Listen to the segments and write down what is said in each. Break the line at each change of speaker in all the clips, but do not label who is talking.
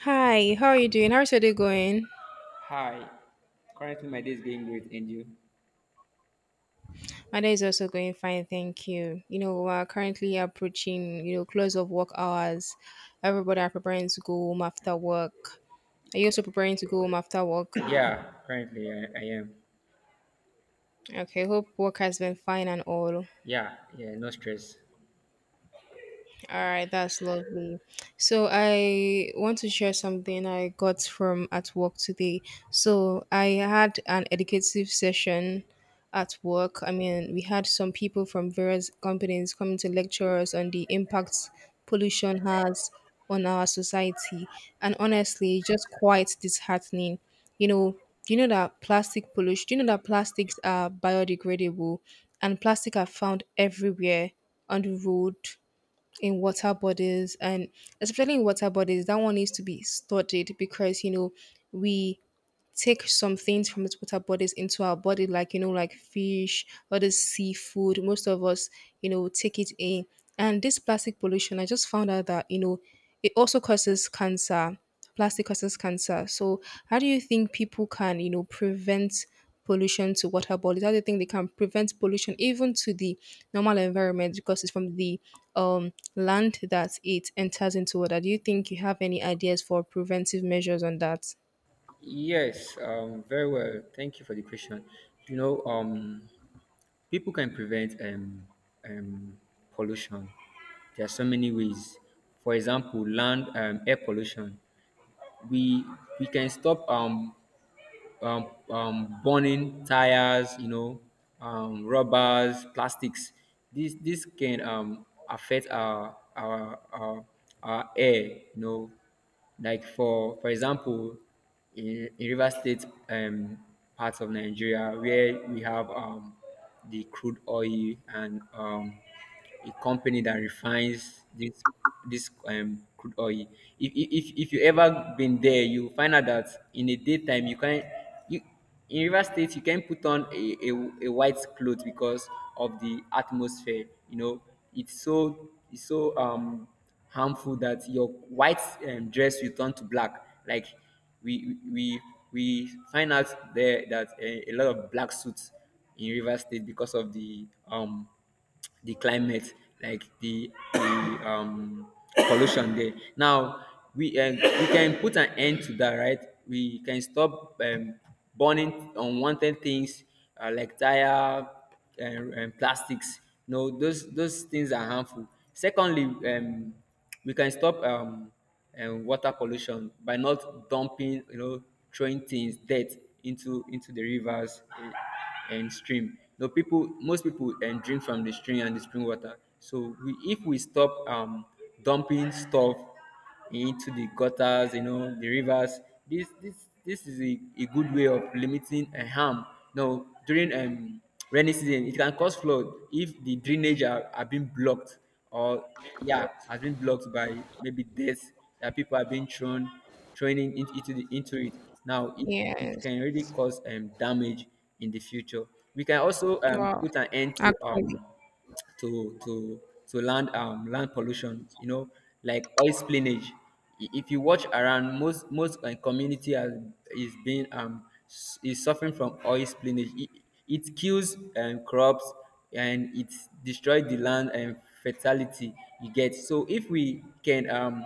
Hi, how are you doing? How's your day going?
Hi. Currently, my day is going great, and you?
My day is also going fine, thank you. We're currently approaching, close of work hours. Everybody are preparing to go home after work. Are you also preparing to go home after work?
Yeah, currently I am.
Okay, hope work has been fine and all.
Yeah, yeah, no stress.
All right, that's lovely. So I want to share something I got from at work today. So I had an educative session at work. I mean, we had some people from various companies coming to lecture us on the impacts pollution has on our society. And honestly, just quite disheartening. You know, you know that plastic pollution, you know that plastics are biodegradable and plastic are found everywhere on the road in water bodies and especially in water bodies that one needs to be studied because you know we take some things from these water bodies into our body, like like fish, other seafood. Most of us, take it in. And this plastic pollution, I just found out that you know, it also causes cancer. Plastic causes cancer. So, how do you think people can, prevent pollution to water bodies? How do you think they can prevent pollution even to the normal environment because it's from the land that it enters into water? Do you think you have any ideas for preventive measures on that?
Yes, very well. Thank you for the question. You know, um, People can prevent um, pollution. There are so many ways. For example, land, air pollution. We we can stop burning tires, rubbers, plastics. This can affect our air, you know. Like for example, in River State, parts of Nigeria where we have, the crude oil, and a company that refines this crude oil. If you ever been there, you find out that in the daytime you can you in River State you can put on a white cloth because of the atmosphere. You know, it's so harmful that your white, dress will turn to black. Like we we we find out there that a lot of black suits in River State because of the climate, like the um pollution there. Now we, we can put an end to that, right? We can stop, burning unwanted things, like tire and plastics. No, those things are harmful. Secondly, we can stop and water pollution by not dumping, you know, throwing things, dirt into the rivers, eh, and stream. No people, most people and drink from the stream and the spring water. So we, if we stop, dumping stuff into the gutters, you know, the rivers, this is a good way of limiting a harm. Now during, rainy season, it can cause flood if the drainage are being blocked, or yeah, has been blocked by maybe death that people have been thrown training into it now, it
Yes.
can really cause, damage in the future. We can also,
Wow,
put an end to,
actually,
to to to land, land pollution, you know, like oil spillage. If you watch around, most community has is being is suffering from oil spillage. It kills, crops and it destroy the land and fertility, you get. So if we can,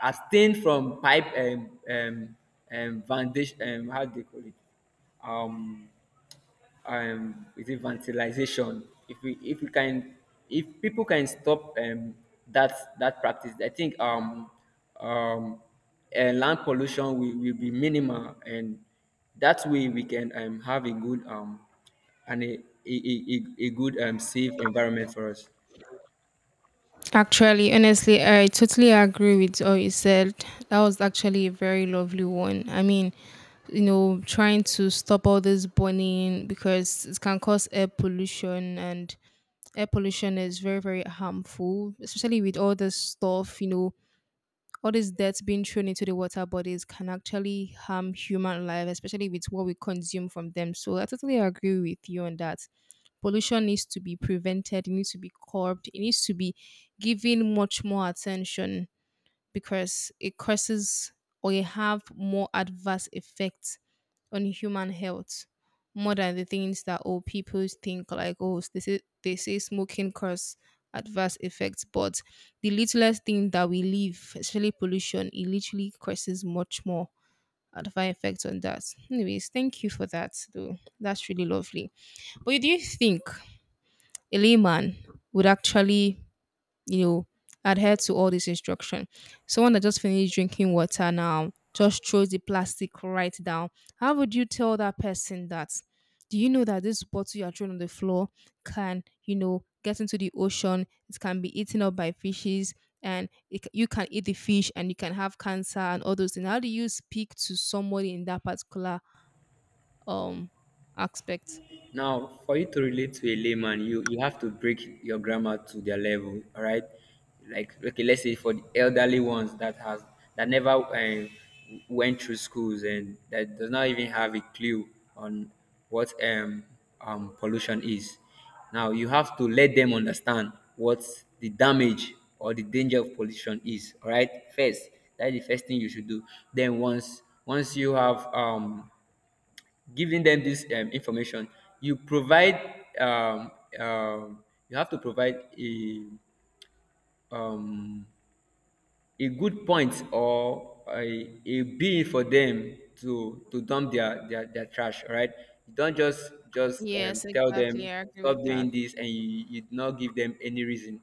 abstain from pipe, foundation, um, how do they call it, um is it vandalization? If we can, if people can stop, that, that practice, I think, um land pollution will be minimal, and that way we can, have a good, um, and a good, safe environment for us.
actually, honestly, I totally agree with all you said. That was actually a very lovely one. I mean, trying to stop all this burning because it can cause air pollution, and air pollution is very, very harmful, especially with all this stuff, All these deaths being thrown into the water bodies can actually harm human life, especially with what we consume from them. So I totally agree with you on that. Pollution needs to be prevented, it needs to be curbed, it needs to be given much more attention because it causes or it have more adverse effects on human health more than the things that old people think like oh they say smoking cause adverse effects but the littlest thing that we leave especially pollution it literally causes much more adverse effects on that. Anyways, thank you for that though, that's really lovely. But do you think a layman would actually, you know, adhere to all this instruction. Someone that just finished drinking water now just throws the plastic right down. How would you tell that person that? Do you know that this bottle you are throwing on the floor can, get into the ocean? It can be eaten up by fishes, and you can eat the fish, and you can have cancer and all those things. How do you speak to somebody in that particular um aspect?
Now, for you to relate to a layman, you have to break your grammar to their level, all right? Like, okay, let's say for the elderly ones that has that never, went through schools and that does not even have a clue on what, pollution is. Now, you have to let them understand what the damage or the danger of pollution is, all right? First, that is the first thing you should do. Then once you have, giving them this, information, you provide, you have to provide a, um, a good point or a bill for them to dump their trash, all right? You don't just
Yes,
tell them
exactly. I agree
stop
with that.
doing this, and you do not give them any reason,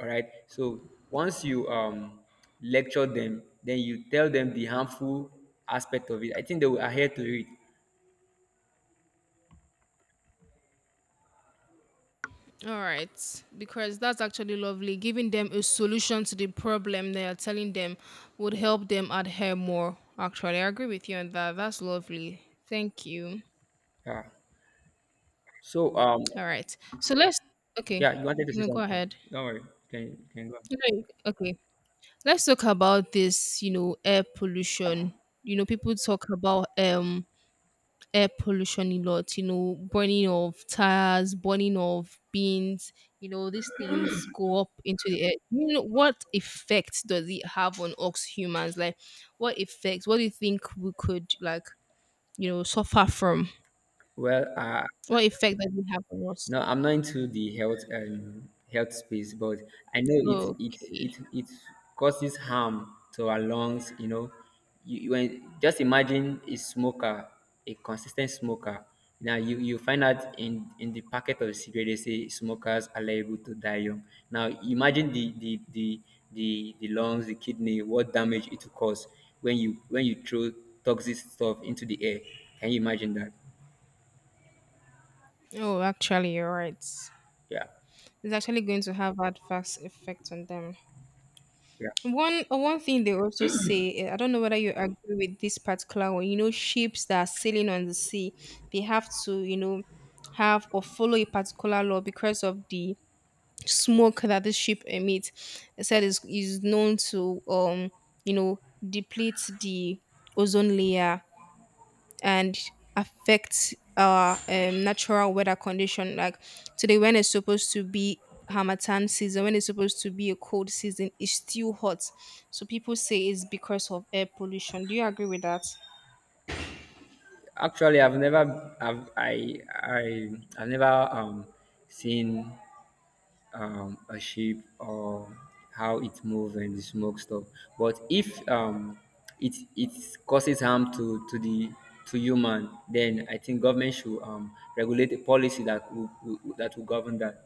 all right? So once you, lecture them, then you tell them the harmful aspect of it, I think they will adhere to it.
All right, because that's actually lovely. Giving them a solution to the problem they are telling them would help them adhere more. Actually, I agree with you on that. That's lovely. Thank you.
Yeah. So,
All right, so let's Okay.
yeah, you wanted to say
No, go
something.
ahead.
Don't worry. You can go on?
No. Okay, let's talk about this. You know, air pollution. You know, people talk about air pollution a lot, burning of tires, burning of beans, these things go up into the air. You know, what effect does it have on us humans? Like, what effects? What do you think we could, like, suffer from?
Well,
What effect does it have on us?
no, I'm not into the health, health space, but I know it it
Okay.
it it causes harm to our lungs. You know, you when, just imagine a smoker, a consistent smoker. Now you find out in the packet of cigarette they say smokers are liable to die young. Now imagine the lungs, the kidney, what damage it will cause when you throw toxic stuff into the air. Can you imagine that?
Oh, actually, you're right.
Yeah,
It's actually going to have adverse effect on them.
yeah.
One thing they also say, I don't know whether you agree with this particular one. You know, ships that are sailing on the sea, they have to, have or follow a particular law because of the smoke that the ship emits. It said is known to you know, deplete the ozone layer and affects our natural weather condition. Like today, when it's supposed to be Hamatan season, when it's supposed to be a cold season, it's still hot. So people say it's because of air pollution. Do you agree with that?
Actually, I've never, I've, I, I've never, seen, a ship or how it moves and the smoke stuff. But if, it it causes harm to the to human, then I think government should, regulate a policy that will that will govern that.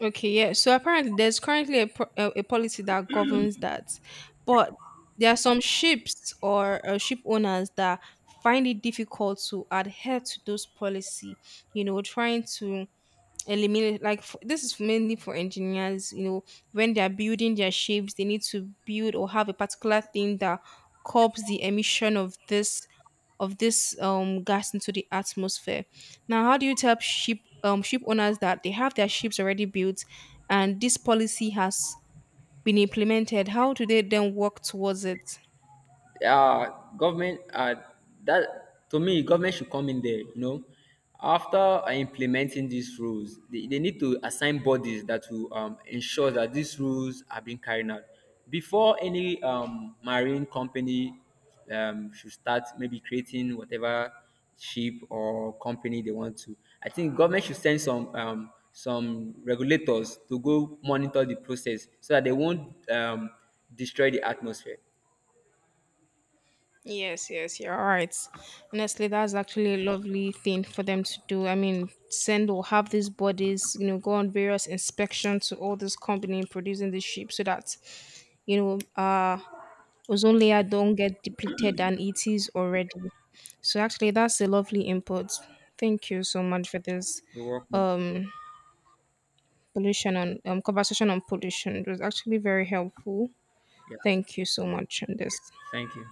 Okay, yeah. So apparently, there's currently a policy that governs that, but there are some ships or ship owners that find it difficult to adhere to those policy. You know, trying to eliminate like f this is mainly for engineers, you know, when they're building their shapes they need to build or have a particular thing that curbs the emission of this gas into the atmosphere. Now how do you tell ship owners that they have their ships already built and this policy has been implemented? How do they then work towards it?
Uh, government, that to me government should come in there, you know, after, implementing these rules, they need to assign bodies that will, ensure that these rules are being carried out before any, marine company, should start maybe creating whatever ship or company they want to. I think government should send some, some regulators to go monitor the process, so that they won't, destroy the atmosphere
Yes, yes, you're right. Honestly, that's actually a lovely thing for them to do. I mean, send or have these bodies, go on various inspections to all this company producing the ship so that, you know, uh, ozone layer don't get depleted and it is already. So actually, that's a lovely input. Thank you so much for this
they work with.
um pollution on conversation on pollution. It was actually very helpful.
Yeah.
Thank you so much on this.
Thank you.